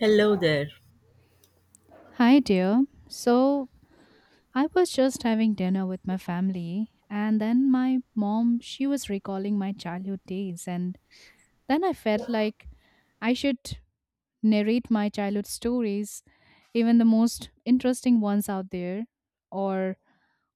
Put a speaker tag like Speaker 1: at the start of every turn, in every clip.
Speaker 1: Hello there.
Speaker 2: Hi, dear. So, I was just having dinner with my family, and then my mom, she was recalling my childhood days, and then I felt like I should narrate my childhood stories, even the most interesting ones out there, or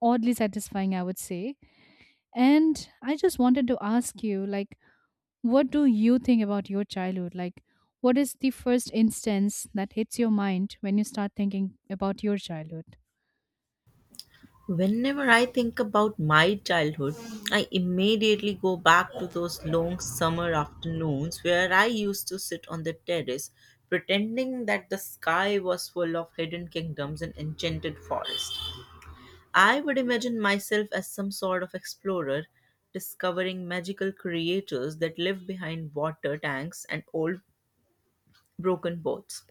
Speaker 2: oddly satisfying, I would say. And I just wanted to ask you, like, what do you think about your childhood? Like, what is the first instance that hits your mind when you start thinking about your childhood?
Speaker 1: Whenever I think about my childhood, I immediately go back to those long summer afternoons where I used to sit on the terrace pretending that the sky was full of hidden kingdoms and enchanted forests. I would imagine myself as some sort of explorer discovering magical creatures that live behind water tanks and old broken boats.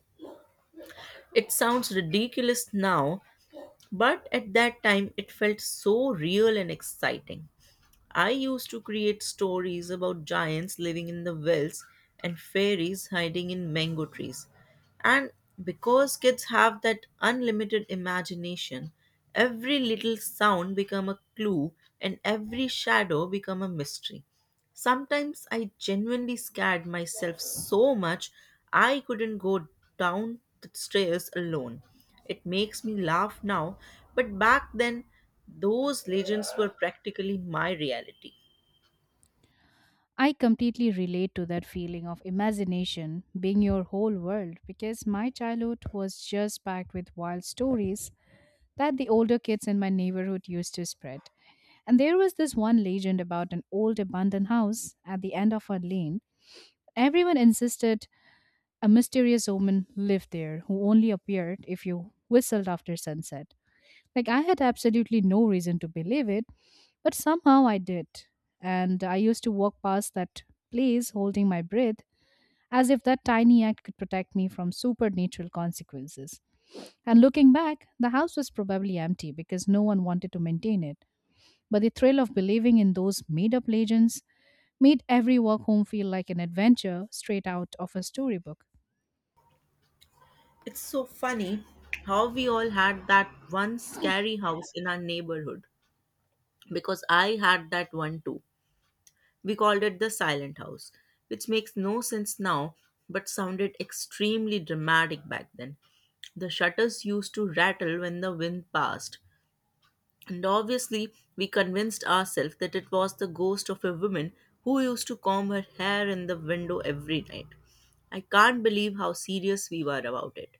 Speaker 1: It sounds ridiculous now, but at that time, it felt so real and exciting. I used to create stories about giants living in the wells and fairies hiding in mango trees. And because kids have that unlimited imagination, every little sound become a clue and every shadow become a mystery. Sometimes I genuinely scared myself so much I couldn't go down the stairs alone. It makes me laugh now, but back then those legends were practically my reality.
Speaker 2: I completely relate to that feeling of imagination being your whole world because my childhood was just packed with wild stories that the older kids in my neighborhood used to spread. And there was this one legend about an old abandoned house at the end of a lane. Everyone insisted a mysterious woman lived there who only appeared if you whistled after sunset. Like I had absolutely no reason to believe it, but somehow I did. And I used to walk past that place holding my breath as if that tiny act could protect me from supernatural consequences. And looking back, the house was probably empty because no one wanted to maintain it. But the thrill of believing in those made up legends made every walk home feel like an adventure straight out of a storybook.
Speaker 1: It's so funny how we all had that one scary house in our neighborhood because I had that one too. We called it the silent house, which makes no sense now but sounded extremely dramatic back then. The shutters used to rattle when the wind passed, and obviously we convinced ourselves that it was the ghost of a woman who used to comb her hair in the window every night. I can't believe how serious we were about it.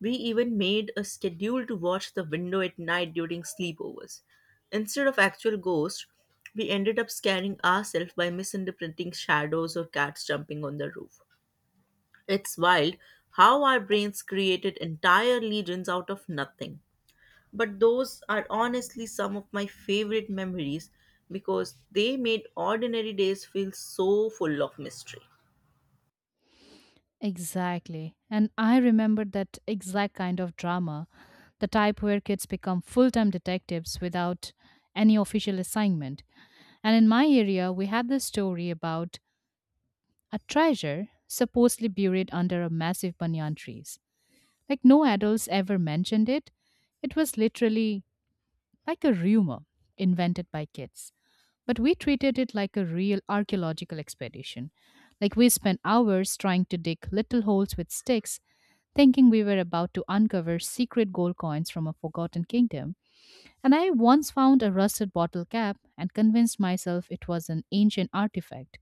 Speaker 1: We even made a schedule to watch the window at night during sleepovers. Instead of actual ghosts, we ended up scaring ourselves by misinterpreting shadows or cats jumping on the roof. It's wild how our brains created entire legions out of nothing. But those are honestly some of my favorite memories because they made ordinary days feel so full of mystery.
Speaker 2: Exactly. And I remember that exact kind of drama, the type where kids become full time detectives without any official assignment. And in my area, we had this story about a treasure supposedly buried under a massive banyan trees. Like no adults ever mentioned it. It was literally like a rumor invented by kids. But we treated it like a real archaeological expedition. Like we spent hours trying to dig little holes with sticks, thinking we were about to uncover secret gold coins from a forgotten kingdom. And I once found a rusted bottle cap and convinced myself it was an ancient artifact.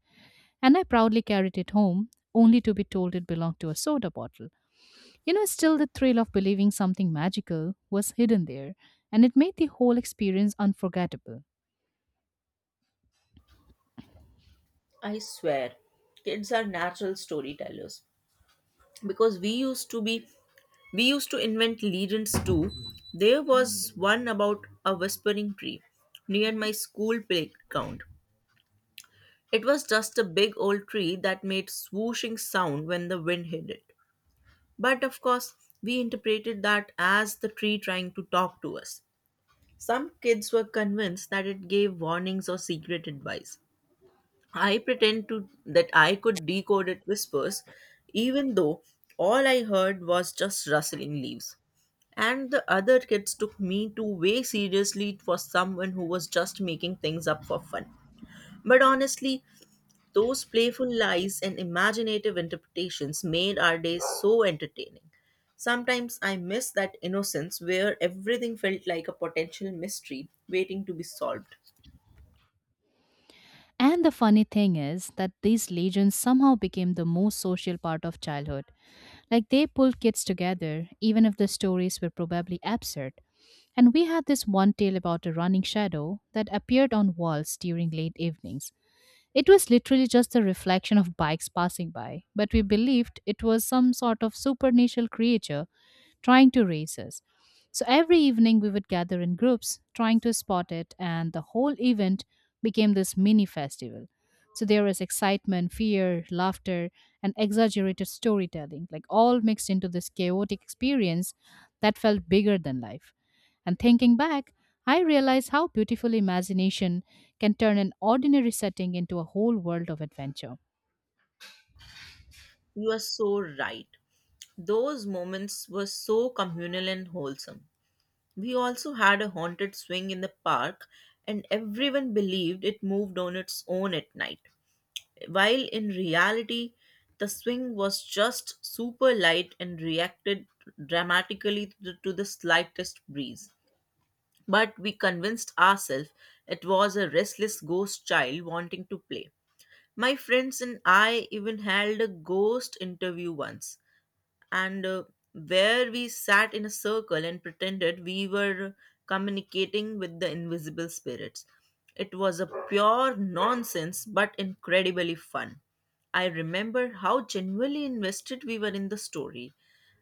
Speaker 2: And I proudly carried it home, only to be told it belonged to a soda bottle. You know, still the thrill of believing something magical was hidden there, and it made the whole experience unforgettable.
Speaker 1: I swear, kids are natural storytellers because we used to invent legends too. There was one about a whispering tree near my school playground. It was just a big old tree that made swooshing sound when the wind hit it. But of course, we interpreted that as the tree trying to talk to us. Some kids were convinced that it gave warnings or secret advice. I pretend to that I could decode it whispers, even though all I heard was just rustling leaves. And the other kids took me too way seriously for someone who was just making things up for fun. But honestly, those playful lies and imaginative interpretations made our days so entertaining. Sometimes I miss that innocence where everything felt like a potential mystery waiting to be solved.
Speaker 2: And the funny thing is that these legends somehow became the most social part of childhood. Like they pulled kids together, even if the stories were probably absurd. And we had this one tale about a running shadow that appeared on walls during late evenings. It was literally just the reflection of bikes passing by, but we believed it was some sort of supernatural creature trying to race us. So every evening we would gather in groups trying to spot it, and the whole event became this mini festival. So there was excitement, fear, laughter, and exaggerated storytelling, like all mixed into this chaotic experience that felt bigger than life. And thinking back, I realize how beautiful imagination can turn an ordinary setting into a whole world of adventure.
Speaker 1: You are so right. Those moments were so communal and wholesome. We also had a haunted swing in the park, and everyone believed it moved on its own at night, while in reality the swing was just super light and reacted dramatically to the slightest breeze. But we convinced ourselves it was a restless ghost child wanting to play. My friends and I even held a ghost interview once, and where we sat in a circle and pretended we were communicating with the invisible spirits. It was a pure nonsense but incredibly fun. I remember how genuinely invested we were in the story,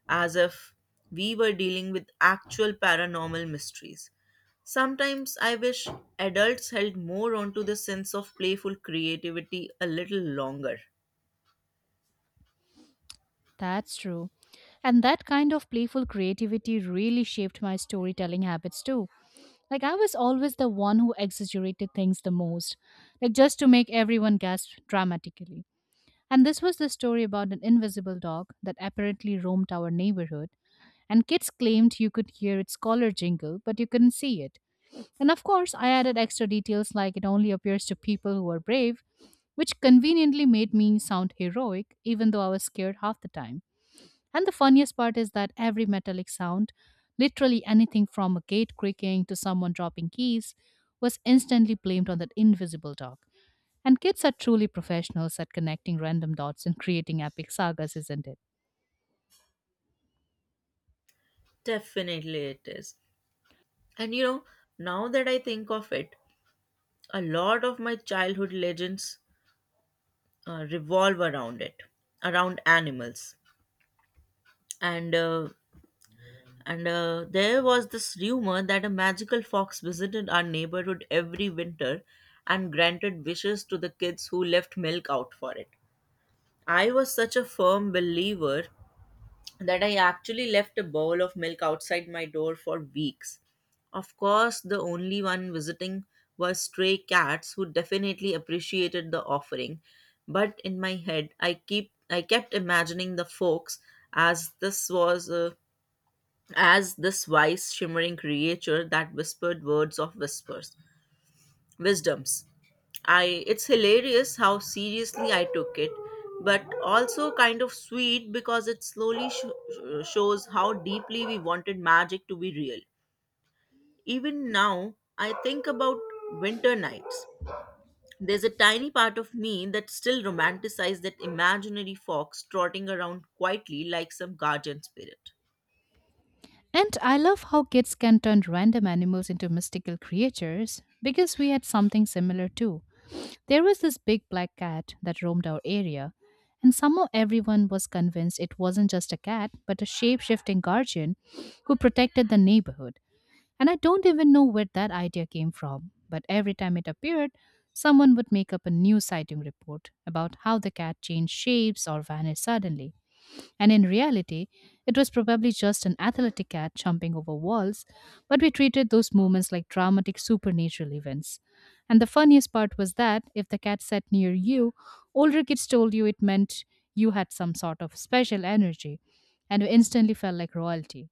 Speaker 1: as if we were dealing with actual paranormal mysteries. Sometimes I wish adults held more onto the sense of playful creativity a little longer.
Speaker 2: That's true. And that kind of playful creativity really shaped my storytelling habits too. Like, I was always the one who exaggerated things the most, like just to make everyone gasp dramatically. And this was the story about an invisible dog that apparently roamed our neighborhood, and kids claimed you could hear its collar jingle, but you couldn't see it. And of course, I added extra details like it only appears to people who are brave, which conveniently made me sound heroic, even though I was scared half the time. And the funniest part is that every metallic sound, literally anything from a gate creaking to someone dropping keys, was instantly blamed on that invisible dog. And kids are truly professionals at connecting random dots and creating epic sagas, isn't it?
Speaker 1: Definitely it is. And you know, now that I think of it, a lot of my childhood legends revolve around it, around animals. And uh, and There was this rumor that a magical fox visited our neighborhood every winter and granted wishes to the kids who left milk out for it. I was such a firm believer that I actually left a bowl of milk outside my door for weeks. Of course, the only one visiting were stray cats who definitely appreciated the offering, but in my head I kept imagining the folks as this was a as this wise shimmering creature that whispered words of whispers wisdoms. I It's hilarious how seriously I took it, but also kind of sweet because it slowly shows how deeply we wanted magic to be real. Even now, I think about winter nights. There's a tiny part of me that still romanticizes that imaginary fox trotting around quietly like some guardian spirit.
Speaker 2: And I love how kids can turn random animals into mystical creatures because we had something similar too. There was this big black cat that roamed our area, and somehow everyone was convinced it wasn't just a cat but a shape shifting guardian who protected the neighborhood. And I don't even know where that idea came from, but every time it appeared, someone would make up a new sighting report about how the cat changed shapes or vanished suddenly. And in reality, it was probably just an athletic cat jumping over walls, but we treated those moments like dramatic supernatural events. And the funniest part was that if the cat sat near you, older kids told you it meant you had some sort of special energy, and we instantly felt like royalty.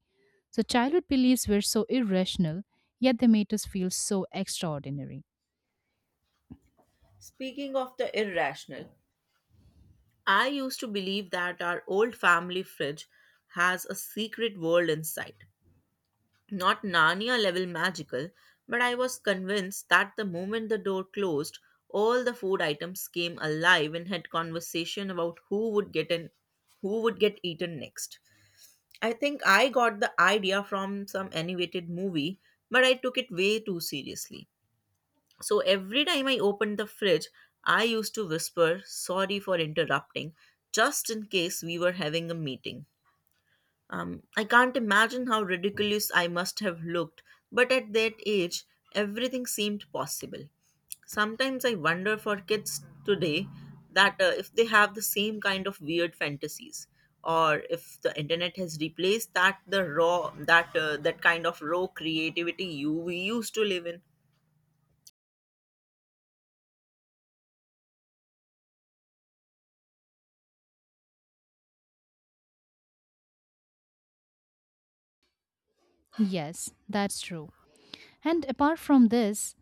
Speaker 2: So childhood beliefs were so irrational, yet they made us feel so extraordinary.
Speaker 1: Speaking of the irrational, I used to believe that our old family fridge has a secret world inside. Not Narnia level magical, but I was convinced that the moment the door closed, all the food items came alive and had conversation about who would get eaten next. I think I got the idea from some animated movie, but I took it way too seriously. So every time I opened the fridge, I used to whisper, "Sorry for interrupting," just in case we were having a meeting. I can't imagine how ridiculous I must have looked, but at that age, everything seemed possible. Sometimes I wonder for kids today that if they have the same kind of weird fantasies, or if the internet has replaced that kind of raw creativity you we used to live in.
Speaker 2: Yes, that's true. And apart from this,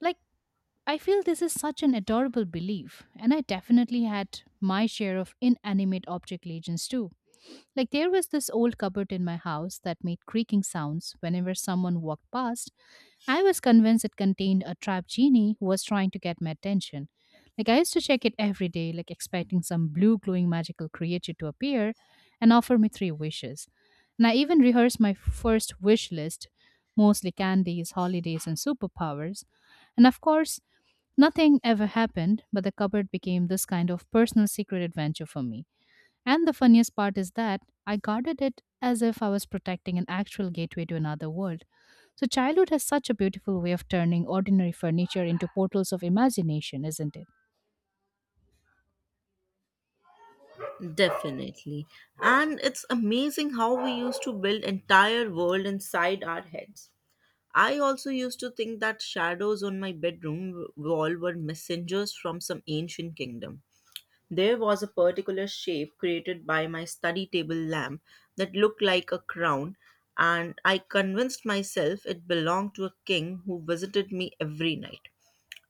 Speaker 2: like, I feel this is such an adorable belief, and I definitely had my share of inanimate object legends too. Like, there was this old cupboard in my house that made creaking sounds whenever someone walked past. I was convinced it contained a trapped genie who was trying to get my attention. Like, I used to check it every day, like, expecting some blue glowing magical creature to appear and offer me three wishes. And I even rehearsed my first wish list, mostly candies, holidays, and superpowers. And of course, nothing ever happened, but the cupboard became this kind of personal secret adventure for me. And the funniest part is that I guarded it as if I was protecting an actual gateway to another world. So, childhood has such a beautiful way of turning ordinary furniture into portals of imagination, isn't it?
Speaker 1: Definitely. And it's amazing how we used to build entire world inside our heads. I also used to think that shadows on my bedroom wall were messengers from some ancient kingdom. There was a particular shape created by my study table lamp that looked like a crown, and I convinced myself it belonged to a king who visited me every night.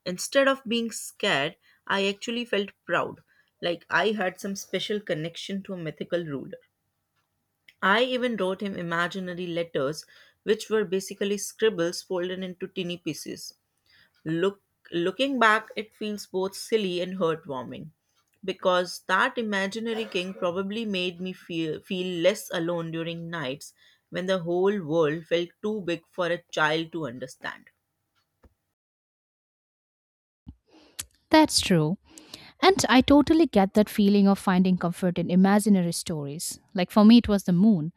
Speaker 1: Instead of being scared, I actually felt proud, like I had some special connection to a mythical ruler. I even wrote him imaginary letters, which were basically scribbles folded into tiny pieces. Look, Looking back, it feels both silly and heartwarming, because that imaginary king probably made me feel less alone during nights when the whole world felt too big for a child to understand.
Speaker 2: That's true. And I totally get that feeling of finding comfort in imaginary stories. Like for me, it was the moon.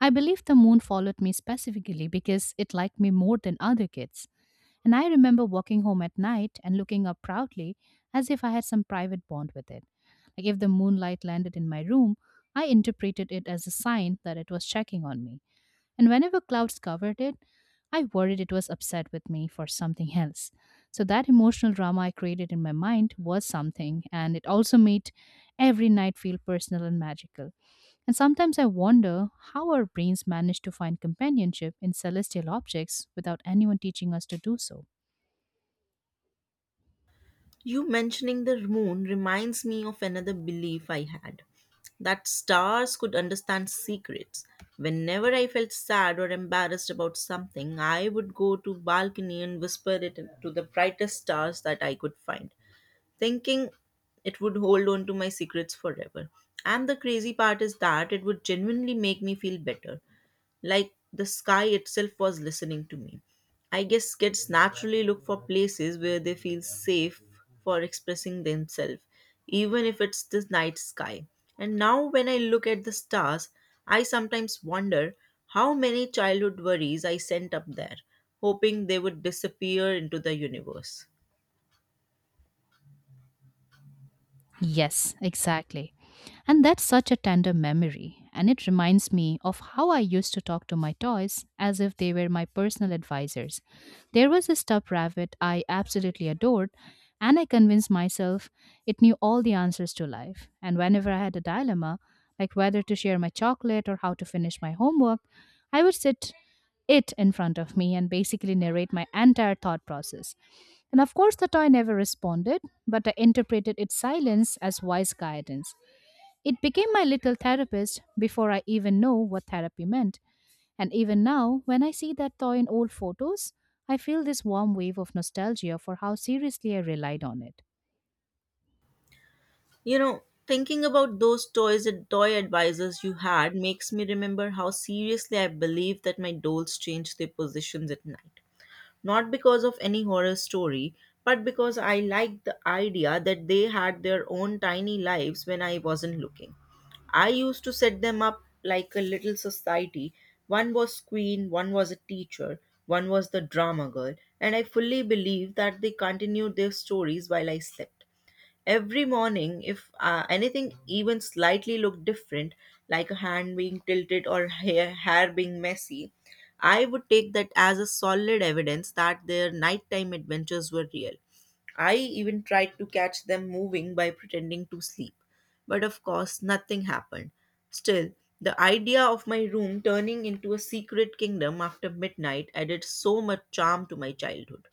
Speaker 2: I believe the moon followed me specifically because it liked me more than other kids. And I remember walking home at night and looking up proudly as if I had some private bond with it. Like if the moonlight landed in my room, I interpreted it as a sign that it was checking on me. And whenever clouds covered it, I worried it was upset with me for something else. So that emotional drama I created in my mind was something, and it also made every night feel personal and magical. And sometimes I wonder how our brains manage to find companionship in celestial objects without anyone teaching us to do so.
Speaker 1: You mentioning the moon reminds me of another belief I had, that stars could understand secrets. Whenever I felt sad or embarrassed about something, I would go to balcony and whisper it to the brightest stars that I could find, thinking it would hold on to my secrets forever. And the crazy part is that it would genuinely make me feel better, like the sky itself was listening to me. I guess kids naturally look for places where they feel safe for expressing themselves, even if it's the night sky. And now, when I look at the stars, I sometimes wonder how many childhood worries I sent up there, hoping they would disappear into the universe.
Speaker 2: Yes, exactly. And that's such a tender memory. And it reminds me of how I used to talk to my toys as if they were my personal advisors. There was a stuffed rabbit I absolutely adored, and I convinced myself it knew all the answers to life. And whenever I had a dilemma, like whether to share my chocolate or how to finish my homework, I would sit it in front of me and basically narrate my entire thought process. And of course, the toy never responded, but I interpreted its silence as wise guidance. It became my little therapist before I even know what therapy meant. And even now, when I see that toy in old photos, I feel this warm wave of nostalgia for how seriously I relied on it.
Speaker 1: You know, thinking about those toys and toy advisors you had makes me remember how seriously I believed that my dolls changed their positions at night. Not because of any horror story, but because I liked the idea that they had their own tiny lives when I wasn't looking. I used to set them up like a little society. One was queen, one was a teacher, one was the drama girl, and I fully believed that they continued their stories while I slept. Every morning, if anything even slightly looked different, like a hand being tilted or hair being messy, I would take that as a solid evidence that their nighttime adventures were real. I even tried to catch them moving by pretending to sleep. But of course, nothing happened. Still, the idea of my room turning into a secret kingdom after midnight added so much charm to my childhood.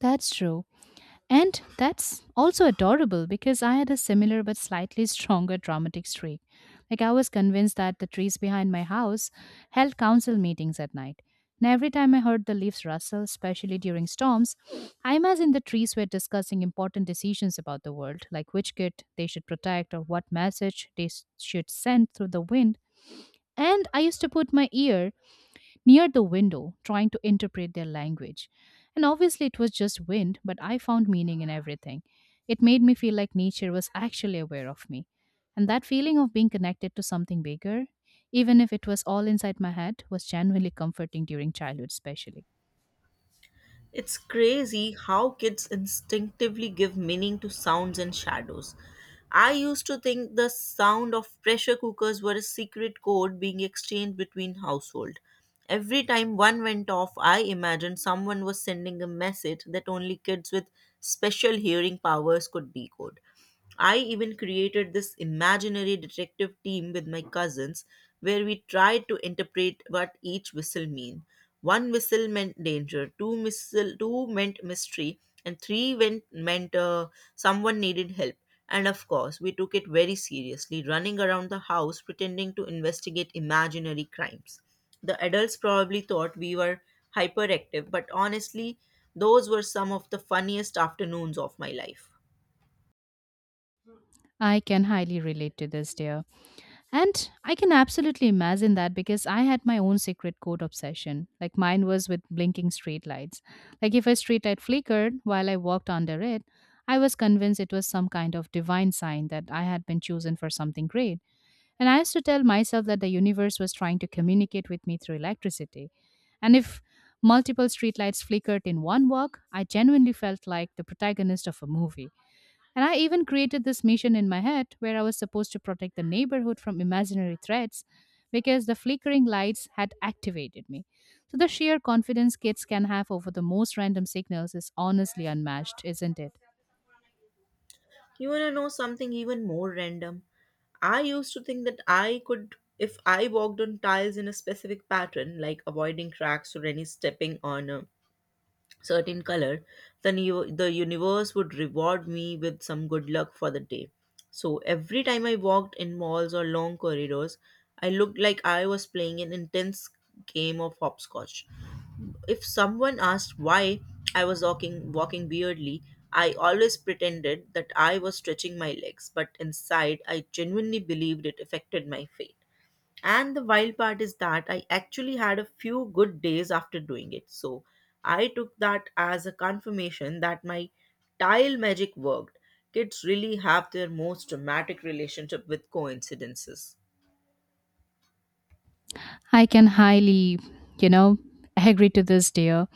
Speaker 2: That's true. And that's also adorable because I had a similar but slightly stronger dramatic streak. Like, I was convinced that the trees behind my house held council meetings at night. And every time I heard the leaves rustle, especially during storms, I imagined the trees were discussing important decisions about the world, like which kid they should protect or what message they should send through the wind. And I used to put my ear near the window, trying to interpret their language. And obviously, it was just wind, but I found meaning in everything. It made me feel like nature was actually aware of me. And that feeling of being connected to something bigger, even if it was all inside my head, was genuinely comforting during childhood, especially.
Speaker 1: It's crazy how kids instinctively give meaning to sounds and shadows. I used to think the sound of pressure cookers were a secret code being exchanged between households. Every time one went off, I imagined someone was sending a message that only kids with special hearing powers could decode. I even created this imaginary detective team with my cousins where we tried to interpret what each whistle mean. One whistle meant danger, two whistle two meant mystery, and three meant someone needed help. And of course, we took it very seriously, running around the house pretending to investigate imaginary crimes. The adults probably thought we were hyperactive, but honestly, those were some of the funniest afternoons of my life.
Speaker 2: I can highly relate to this, dear. And I can absolutely imagine that because I had my own secret code obsession. Like mine was with blinking streetlights. Like if a streetlight flickered while I walked under it, I was convinced it was some kind of divine sign that I had been chosen for something great. And I used to tell myself that the universe was trying to communicate with me through electricity. And if multiple streetlights flickered in one walk, I genuinely felt like the protagonist of a movie. And I even created this mission in my head where I was supposed to protect the neighborhood from imaginary threats because the flickering lights had activated me. So the sheer confidence kids can have over the most random signals is honestly unmatched, isn't it?
Speaker 1: You want to know something even more random? I used to think that I could, if I walked on tiles in a specific pattern, like avoiding cracks or any stepping on a certain color, then you, the universe would reward me with some good luck for the day. So every time I walked in malls or long corridors, I looked like I was playing an intense game of hopscotch. If someone asked why I was walking weirdly, I always pretended that I was stretching my legs, but inside I genuinely believed it affected my faith. And the wild part is that I actually had a few good days after doing it. So I took that as a confirmation that my tile magic worked. Kids really have their most dramatic relationship with coincidences.
Speaker 2: I can highly, you know, agree to this, dear.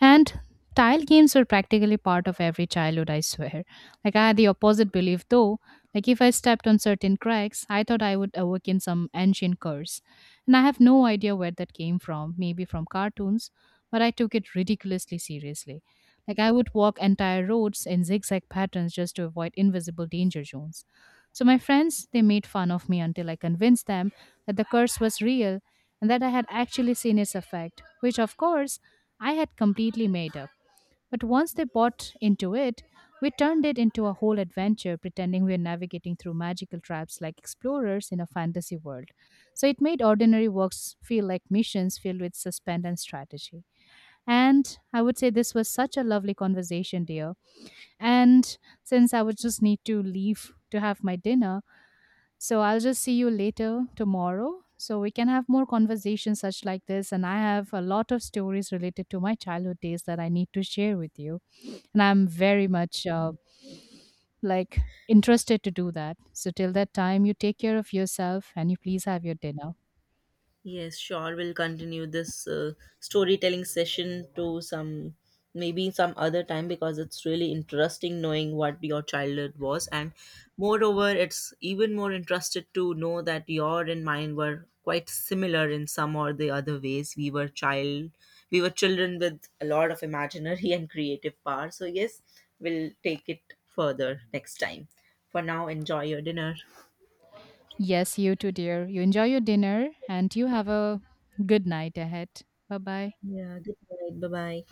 Speaker 2: And tile games were practically part of every childhood, I swear. Like, I had the opposite belief though. Like, if I stepped on certain cracks, I thought I would awaken some ancient curse. And I have no idea where that came from, maybe from cartoons, but I took it ridiculously seriously. Like, I would walk entire roads in zigzag patterns just to avoid invisible danger zones. So, my friends, they made fun of me until I convinced them that the curse was real and that I had actually seen its effect, which of course I had completely made up. But once they bought into it, we turned it into a whole adventure, pretending we were navigating through magical traps like explorers in a fantasy world. So it made ordinary walks feel like missions filled with suspense and strategy. And I would say this was such a lovely conversation, dear. And since I would just need to leave to have my dinner, so I'll just see you later tomorrow. So we can have more conversations such like this. And I have a lot of stories related to my childhood days that I need to share with you. And I'm very much like interested to do that. So till that time, you take care of yourself and you please have your dinner.
Speaker 1: Yes, sure. We'll continue this storytelling session to some maybe some other time, because it's really interesting knowing what your childhood was. And moreover, it's even more interested to know that your and mine were quite similar in some or the other ways. We were children with a lot of imaginary and creative power. So yes, we'll take it further next time. For now, enjoy your dinner.
Speaker 2: Yes, you too, dear. You enjoy your dinner and you have a good night ahead. Bye bye.
Speaker 1: Yeah, good night. Bye bye.